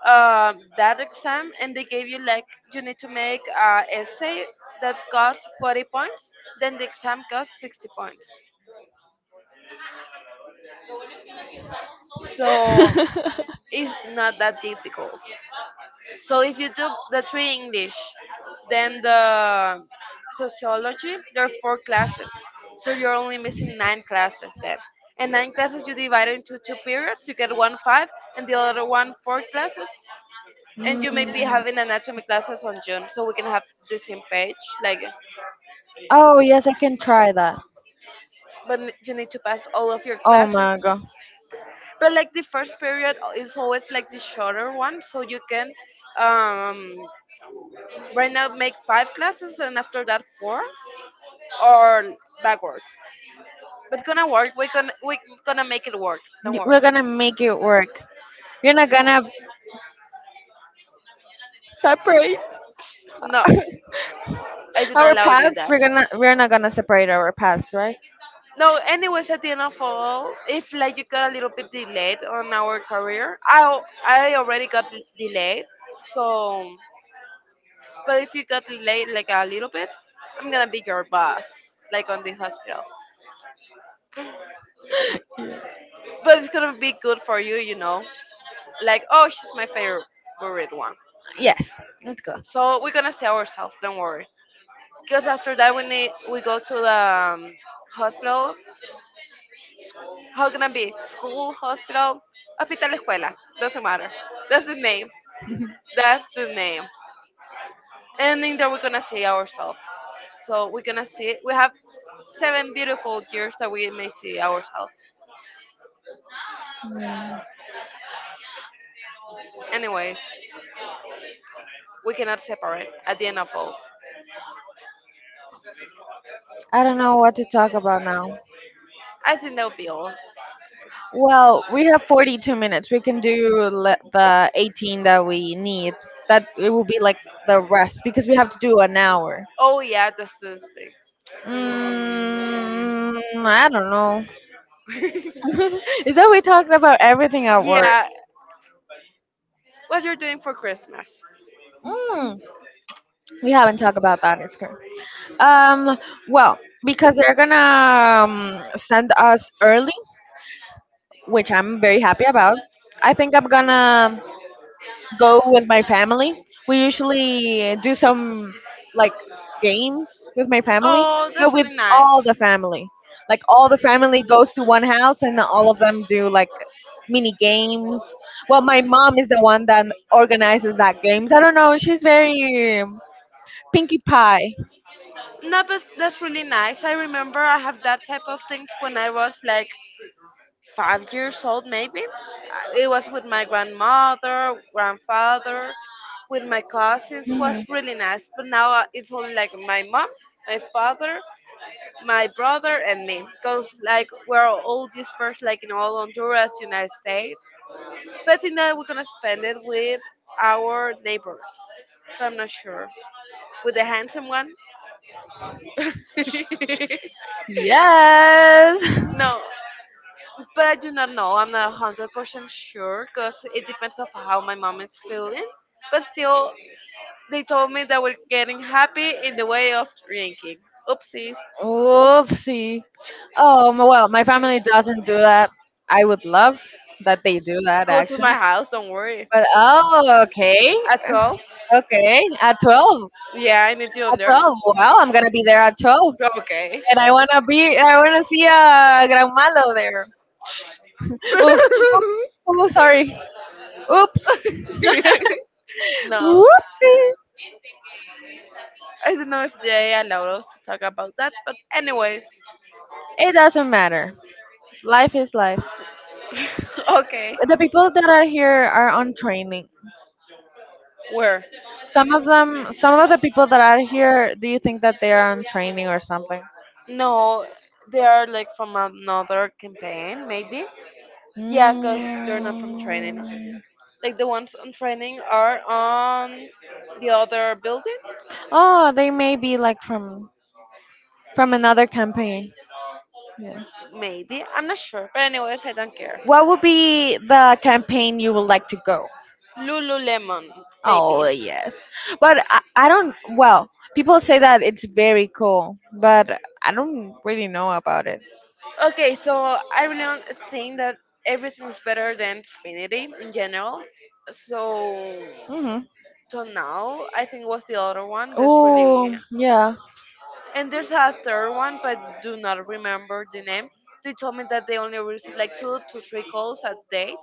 S2: that exam, and they gave you like you need to make a essay that costs 40 points. Then the exam costs 60 points. So it's not that difficult. So if you do the 3 English, then the sociology, there are 4 classes. So you're only missing 9 classes then. And 9 classes you divide into 2 periods. You get one five and the other one four classes. And
S1: Mm.
S2: you may be having anatomy classes on June, so we can have the same page. Like,
S1: Oh yes, I can try that.
S2: but you need to pass all of your
S1: Oh
S2: classes.
S1: my god.
S2: But like the first period is always like the shorter one, so you can um, right now make 5 classes and after that four or backward. But gonna work. We gonna make it work. Don't worry.
S1: We're gonna make it work. We're not gonna separate
S2: No, I do not
S1: our
S2: allow you
S1: paths.
S2: that.
S1: We're not gonna separate our paths, right?
S2: No, anyways, at the end of all, if like you got a little bit delayed on our career, I already got delayed. So, but if you got delayed like a little bit, I'm gonna be your boss, like on the hospital. But it's gonna be good for you, you know. Like, oh, she's my favorite one.
S1: Yes, let's go.
S2: So we're gonna see ourselves. Don't worry. Because after that, we go to the hospital. How can it be? School, hospital, hospital, escuela. Doesn't matter. That's the name. That's the name. And in there, we're gonna see ourselves. So we're gonna see. We have 7 beautiful years that we may see ourselves. Anyways, we cannot separate at the end of all.
S1: I don't know what to talk about now.
S2: I think that would be all.
S1: Well, we have 42 minutes. We can do the 18 that we need. That it will be like the rest because we have to do an hour.
S2: Oh yeah, that's the thing. Mm,
S1: Mm, I don't know. Is that we talked about everything at work?
S2: yeah, what you're doing for Christmas?
S1: Mm, we haven't talked about that. It's good. Um, well, because they're gonna send us early, which I'm very happy about. I think I'm gonna go with my family. We usually do some like games with my family,
S2: Oh, that's
S1: but with
S2: really nice.
S1: all the family. Like all the family goes to one house and all of them do like mini games. Well, my mom is the one that organizes that games. I don't know, she's very Pinkie Pie.
S2: No, but that's really nice. I remember I have that type of things when I was like 5 years old, maybe. It was with my grandmother, grandfather, with my cousins. It was
S1: Mhm.
S2: really nice. But now it's only like my mom, my father, my brother, and me. Because like we're all dispersed, like in all Honduras, United States. But I think that we're gonna spend it with our neighbors. But I'm not sure. With the handsome one.
S1: Yes.
S2: No, but I do not know. I'm not 100% sure because it depends of how my mom is feeling. But still, they told me that we're getting happy in the way of drinking. Oopsie.
S1: Oopsie. Oh, well, my family doesn't do that. I would love that they do that
S2: Go to my
S1: actually.
S2: house, don't worry.
S1: But oh, okay,
S2: At 12?
S1: okay. At 12,
S2: Yeah, I need you on
S1: at
S2: there.
S1: 12. Well, I'm gonna be there at 12,
S2: Okay.
S1: and I wanna see a Gran Malo there. Oh, oh, sorry. Oops,
S2: No,
S1: whoopsie.
S2: I don't know if they allowed us to talk about that, but anyways,
S1: It doesn't matter. Life is life.
S2: okay.
S1: The people that are here are on training.
S2: Where?
S1: Some of the people that are here, do you think that they are on training or something?
S2: No, they are like from another campaign, maybe. Yeah,
S1: Mm.
S2: because they're not from training. Like the ones on training are on the other building?
S1: Oh, they may be like from another campaign. Yeah.
S2: Maybe. I'm not sure. But, anyways, I don't care.
S1: What would be the campaign you would like to go?
S2: Lululemon, maybe.
S1: Oh, yes. But I don't, well, people say that it's very cool, but I don't really know about it.
S2: Okay, so I really don't think that everything's better than Xfinity in general. So,
S1: Hmm.
S2: so now I think was the other one. There's really,
S1: Oh, yeah.
S2: and there's a third one, but do not remember the name. They told me that they only receive like 2 to 3 calls a day,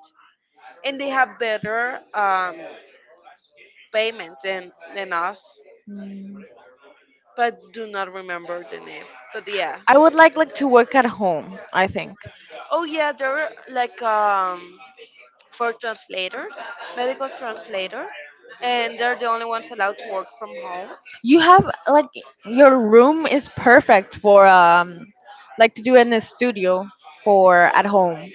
S2: and they have better payment than us
S1: Mm.
S2: but do not remember the name, but yeah.
S1: I would like to work at home, I think.
S2: Oh yeah, they're like for translators, medical translator, and they're the only ones allowed to work from home.
S1: You have like your room is perfect for like to do in a studio for at home.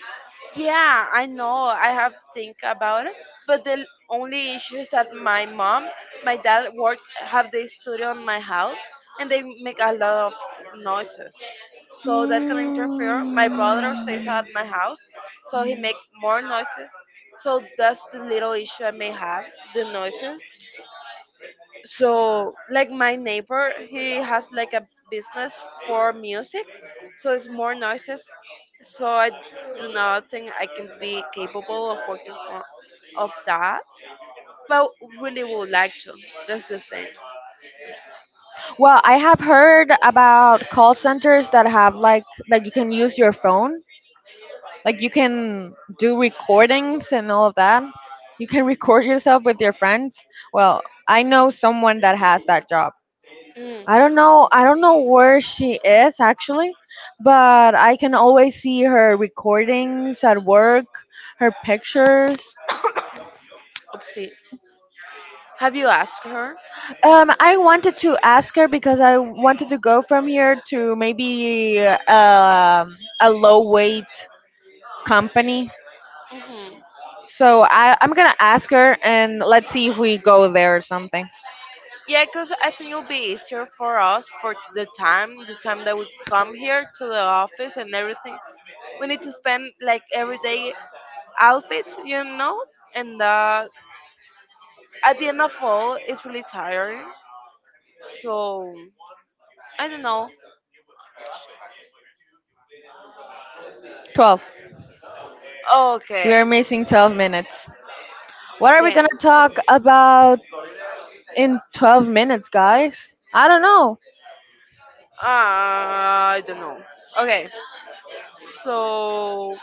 S2: Yeah, I know. I have think about it, but the only issue is that my mom, my dad work have the studio in my house, and they make a lot of noises, so that can interfere.
S1: Hmm.
S2: My brother stays at my house, so he make more noises. So that's the little issue I may have, the noises. So, like my neighbor, he has like a business for music, so it's more noises. So I do not think I can be capable of working for of that, but really would like to. That's the thing.
S1: Well, I have heard about call centers that have like that you can use your phone. Like you can do recordings and all of that. You can record yourself with your friends. Well, I know someone that has that job.
S2: Mm.
S1: I don't know where she is actually, but I can always see her recordings at work, her pictures.
S2: Oopsie. Have you asked her?
S1: I wanted to ask her because I wanted to go from here to maybe a low weight company.
S2: Hmm.
S1: So I'm gonna ask her and let's see if we go there or something.
S2: Yeah, because I think it'll be easier for us for the time that we come here to the office and everything. We need to spend like every day outfit, you know, and that at the end of all, it's really tiring. So I don't know.
S1: 12. We
S2: Okay,
S1: are missing 12 minutes. What are we
S2: then
S1: gonna talk about in 12 minutes, guys? I don't know.
S2: I don't know. Okay, so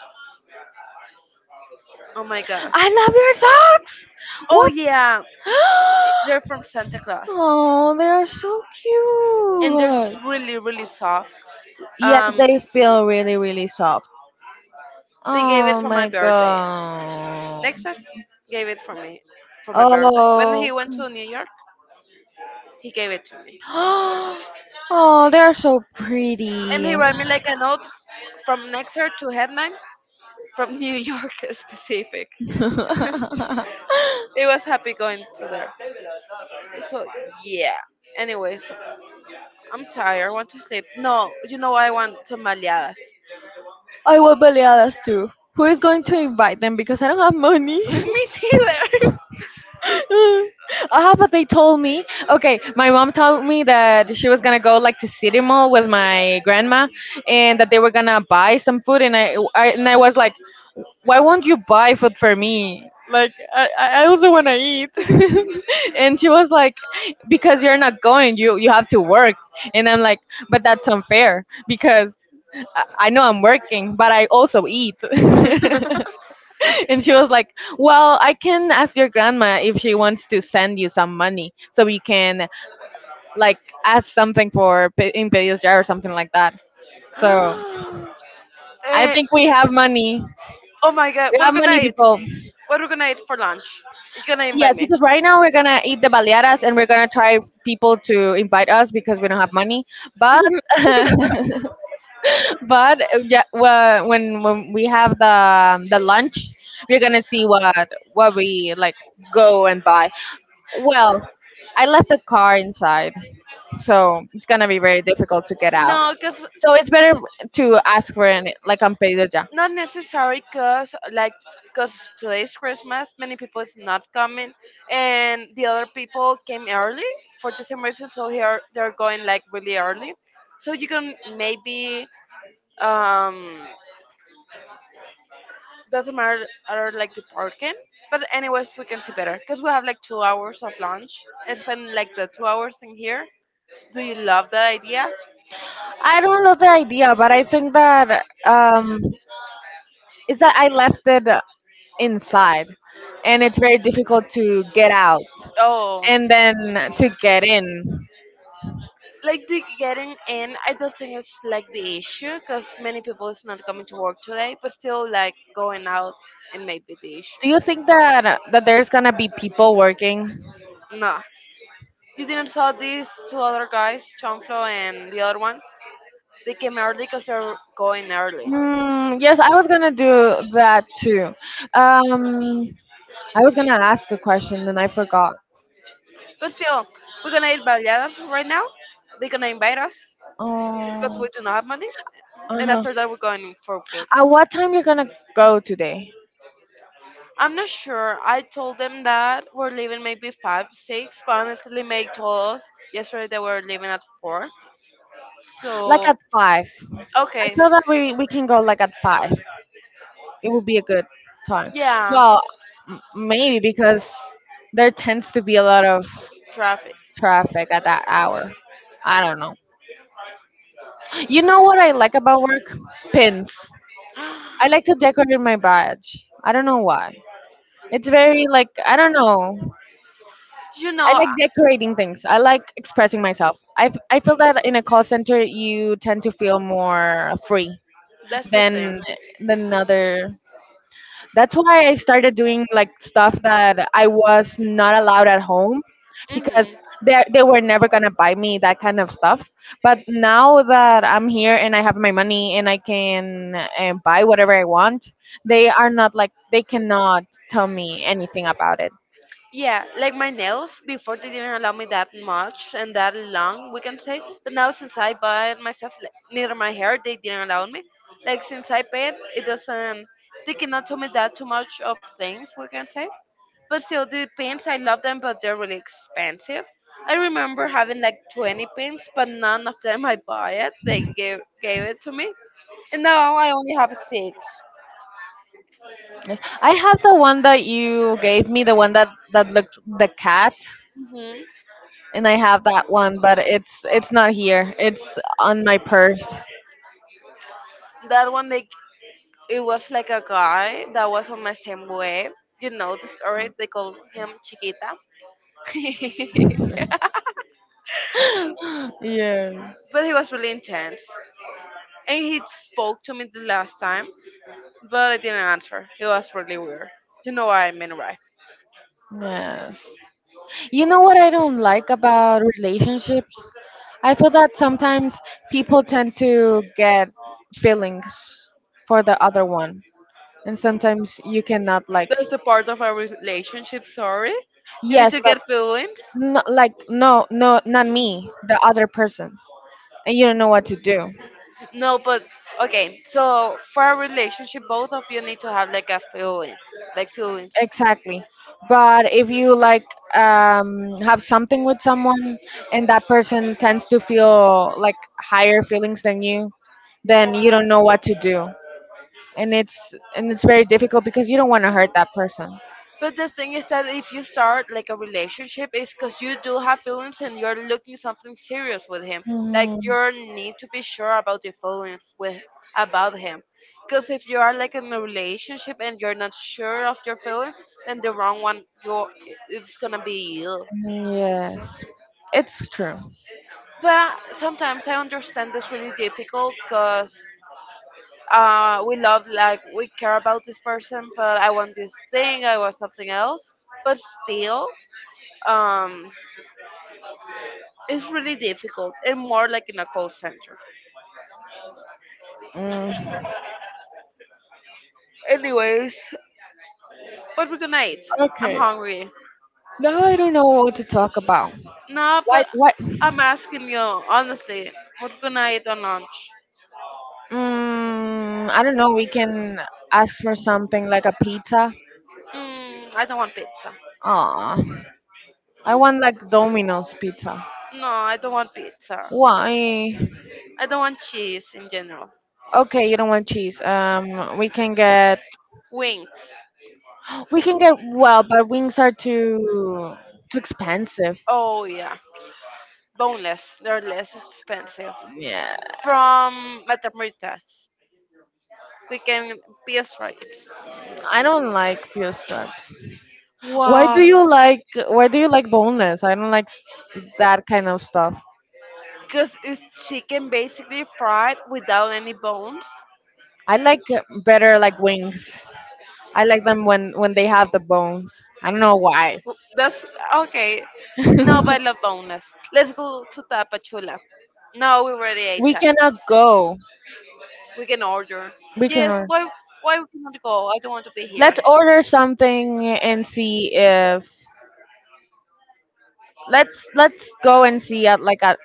S2: oh my god.
S1: I love your socks!
S2: Oh
S1: What?
S2: yeah, they're from Santa Claus,
S1: Oh, they are so
S2: and they're
S1: cute.
S2: really really soft.
S1: Yes,
S2: Um,
S1: they feel really, really soft.
S2: they gave it
S1: Oh
S2: for my
S1: my
S2: birthday.
S1: god.
S2: Next gave it for me for my birthday. When
S1: Oh.
S2: he went to New York, he gave it to me,
S1: Oh, they're so
S2: and
S1: pretty.
S2: he wrote me like a note from Nexer to Headman from New York specific. It was happy going to there. So yeah. Anyways, I'm tired. I want to sleep. No, you know I want some maleadas.
S1: I want baleadas too. Who is going to invite them because I don't have money?
S2: Me neither.
S1: But they told me. Okay, my mom told me that she was gonna go like to City Mall with my grandma, and that they were gonna buy some food. And I was like, why won't you buy food for me? Like I also wanna eat. and she was like, because you're not going, you have to work. And I'm like, but that's unfair because I know I'm working, but I also eat. and she was like, "Well, I can ask your grandma if she wants to send you some money, so we can like ask something for in Pedidos Jar or something like that." So I
S2: Eh,
S1: think we have money.
S2: oh my god,
S1: We
S2: what are
S1: have
S2: we
S1: money,
S2: gonna eat?
S1: people.
S2: What are we gonna eat for lunch? You're gonna
S1: Yes,
S2: invite me?
S1: because right now we're gonna eat the baleadas and we're gonna try people to invite us because we don't have money. But but yeah, when when we have the lunch, we're gonna see what we like go and buy. Well, I left the car inside, so it's gonna be very difficult to get out.
S2: No, because
S1: So it's better to ask for an like on pedido ya.
S2: not necessary, because because today's Christmas, many people is not coming and the other people came early for the same reason, so here they're going like really early. So you can maybe um doesn't matter are like the parking. But anyways, we can see better because we have like 2 hours of lunch and spend like the 2 hours in here. Do you love that idea?
S1: I don't know the idea, but I think that is that I left it inside, and it's very difficult to get out
S2: Oh,
S1: and then to get in.
S2: like the getting in, I don't think it's like the issue because many people is not coming to work today, but still like going out. And maybe the issue.
S1: Do you think that there's gonna be people working?
S2: No, you didn't saw these two other guys, Chonflo and the other one. They came early because they're going early.
S1: Hmm, yes, I was gonna do that too. Um, I was gonna ask a question and I forgot.
S2: But still, we're gonna eat baleadas right now. They're gonna invite us because
S1: Uh
S2: we do not have money, and
S1: huh.
S2: after that we're going for food.
S1: At what time you're gonna go today?
S2: I'm not sure. I told them that we're leaving maybe 5, 6, but honestly, Meg told us yesterday that we're leaving at 4.
S1: Like
S2: So,
S1: at five. I
S2: okay,
S1: feel that we can go like at five. It would be a good time.
S2: yeah,
S1: Well, maybe because there tends to be a lot of
S2: traffic.
S1: traffic at that hour. I don't know. You know what I like about work? Pins. I like to decorate my badge. I don't know why. It's very like I don't know.
S2: You know,
S1: I
S2: I-
S1: like decorating things. I like expressing myself. I feel that in a call center you tend to feel more free
S2: that's the thing.
S1: than than other. That's why I started doing like stuff that I was not allowed at home
S2: hmm
S1: because they were never gonna buy me that kind of stuff. But now that I'm here and I have my money and I can buy whatever I want, they are not like they cannot tell me anything about it.
S2: Yeah, like my nails, before they didn't allow me that much and that long, we can say. But now since I buy it myself, like, neither my hair, they didn't allow me. Like since I paid, it doesn't. They cannot tell me that too much of things, we can say. But still, the pins, I love them, but they're really expensive. I remember having like 20 pins, but none of them I buy it. They gave it to me, and now I only have 6.
S1: I have the one that you gave me, the one that looks the cat,
S2: Mm-hmm.
S1: and I have that one, but it's not here. It's on my purse.
S2: That one, they it was like a guy that was on my same wave. You know the story. They called him Chiquita.
S1: Yes.
S2: But he was really intense. And he spoke to me the last time, but I didn't answer. It was really weird. You know what I mean, right?
S1: Yes. You know what I don't like about relationships? I feel that sometimes people tend to get feelings for the other one, and sometimes you cannot like
S2: That's the part of our relationship, sorry. You need
S1: yes,
S2: to
S1: but
S2: get feelings.
S1: no, like no, not me, the other person, and you don't know what to do.
S2: No, but okay. So for a relationship, both of you need to have like a feelings, like feelings.
S1: Exactly. But if you like have something with someone and that person tends to feel like higher feelings than you, then you don't know what to do. And it's very difficult because you don't want to hurt that person.
S2: But the thing is that if you start like a relationship, it's because you do have feelings and you're looking something serious with him. Like,
S1: Mhm,
S2: you need to be sure about your feelings with about him. Because if you are like in a relationship and you're not sure of your feelings, then the wrong one you, it's gonna be you.
S1: mhm, yes, it's true.
S2: But sometimes I understand this really difficult because we love, like we care about this person, but I want this thing, I want something else. But still, um it's really difficult, and more like in a call center.
S1: Mm.
S2: Anyways, what we gonna eat? I'm
S1: Okay,
S2: hungry.
S1: now I don't know what to talk about.
S2: No,
S1: What
S2: but
S1: what?
S2: I'm asking you honestly, what we gonna eat on lunch?
S1: Mm, I don't know. We can ask for something like a pizza.
S2: Mm, I don't want pizza.
S1: Aw. I want like Domino's pizza.
S2: No, I don't want pizza.
S1: Why?
S2: I don't want cheese in general.
S1: Okay, you don't want cheese. We can get
S2: Wings.
S1: well, but wings are too expensive.
S2: Oh yeah, boneless. They're less expensive.
S1: Yeah,
S2: From Metamritas, we can PS fries.
S1: I don't like veal strips. Why do
S2: Wow,
S1: you like why do you like boneless? I don't like s- That kind of stuff.
S2: because it's chicken basically fried without any bones.
S1: I like better like wings. I like them when they have the bones. I don't know why.
S2: That's okay. No, but I love boneless. Let's go to Tapachula. No, we already ate
S1: we
S2: that.
S1: cannot go.
S2: We can order.
S1: We can
S2: Yes,
S1: or-
S2: why we cannot go? I don't want to be here.
S1: let's order something and see if let's go and see at like at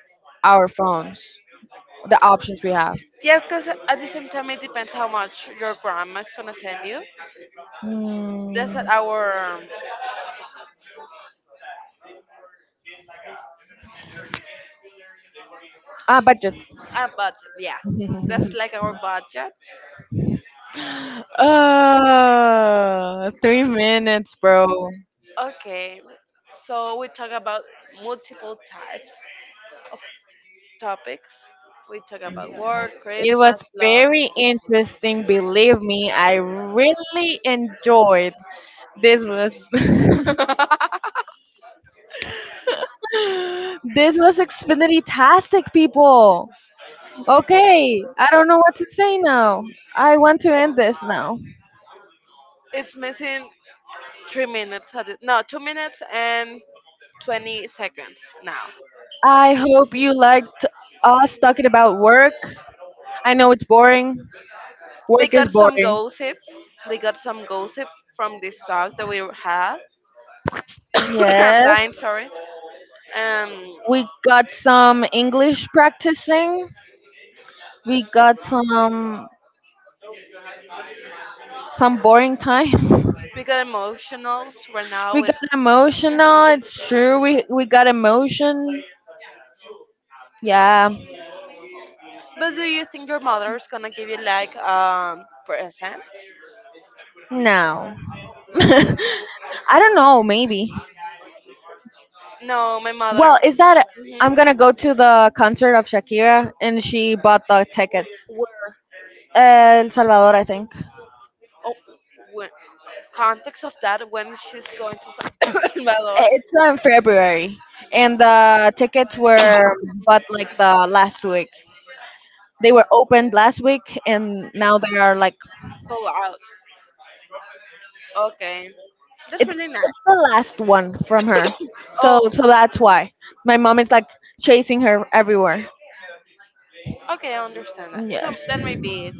S1: our phones the options we have.
S2: Yeah, because at the same time it depends how much your grandma's gonna send you. That's
S1: Hmm.
S2: at our
S1: Ah, budget.
S2: budget. Yeah, that's like our budget.
S1: 3 minutes, bro.
S2: Okay, so we talk about multiple types of topics. We talk about work,
S1: It was
S2: Christmas, love.
S1: very interesting. Believe me, I really enjoyed. This was this was Xfinity tastic, people. Okay, I don't know what to say now. I want to end this now.
S2: It's missing 3 minutes. At the- no, 2 minutes and 20 seconds now.
S1: I hope you liked us talking about work. I know it's boring.
S2: They
S1: Work is
S2: got some
S1: boring.
S2: gossip. They got some gossip from this talk that we had. I'm
S1: Yes,
S2: dying, sorry. Um,
S1: we got some English practicing. We got some boring time.
S2: we got emotional right now
S1: We
S2: with.
S1: got
S2: Mhm.
S1: emotional. It's true. We got emotion. Yeah.
S2: But do you think your mother is gonna give you like present?
S1: No. I don't know. Maybe.
S2: No, my mother.
S1: Well, is that
S2: hmm
S1: I'm gonna go to the concert of Shakira and she bought the tickets.
S2: Where?
S1: El Salvador, I think.
S2: Oh, wh- context of that, when she's going to my lord.
S1: It's in February, and the tickets were bought like the last week. They were opened last week, and now they are like
S2: Pull out. Okay. That's
S1: it,
S2: really nice.
S1: it's the last one from her. So
S2: Oh,
S1: so that's why my mom is like chasing her everywhere.
S2: okay, I understand that. So
S1: Yes.
S2: that may be it.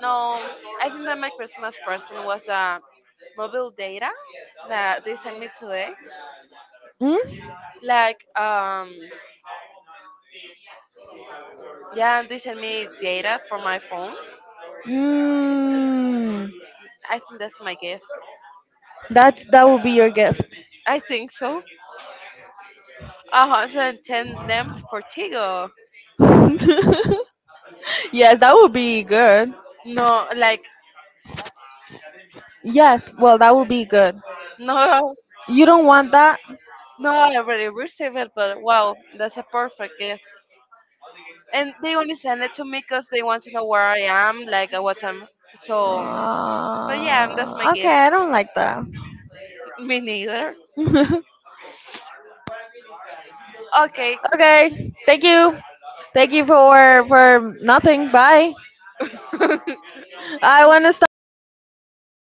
S2: No, I think that my Christmas present was the mobile data that they sent me today.
S1: Mm?
S2: Like, yeah, they sent me data for my phone.
S1: Mm,
S2: I think that's my gift.
S1: that's that will be your gift.
S2: I think so. 110 lamps for Tigo.
S1: yes, that would be good.
S2: No,
S1: Yes, well that would be good.
S2: no,
S1: You don't want that?
S2: no, I already received it, but wow, that's a perfect gift. And they only send it to me because they want to know where I am, like at what time. So, but yeah, that's my
S1: Okay,
S2: gift.
S1: I don't like that.
S2: Me neither. Okay.
S1: okay, thank you. Thank you for nothing. Bye. I want to stop this.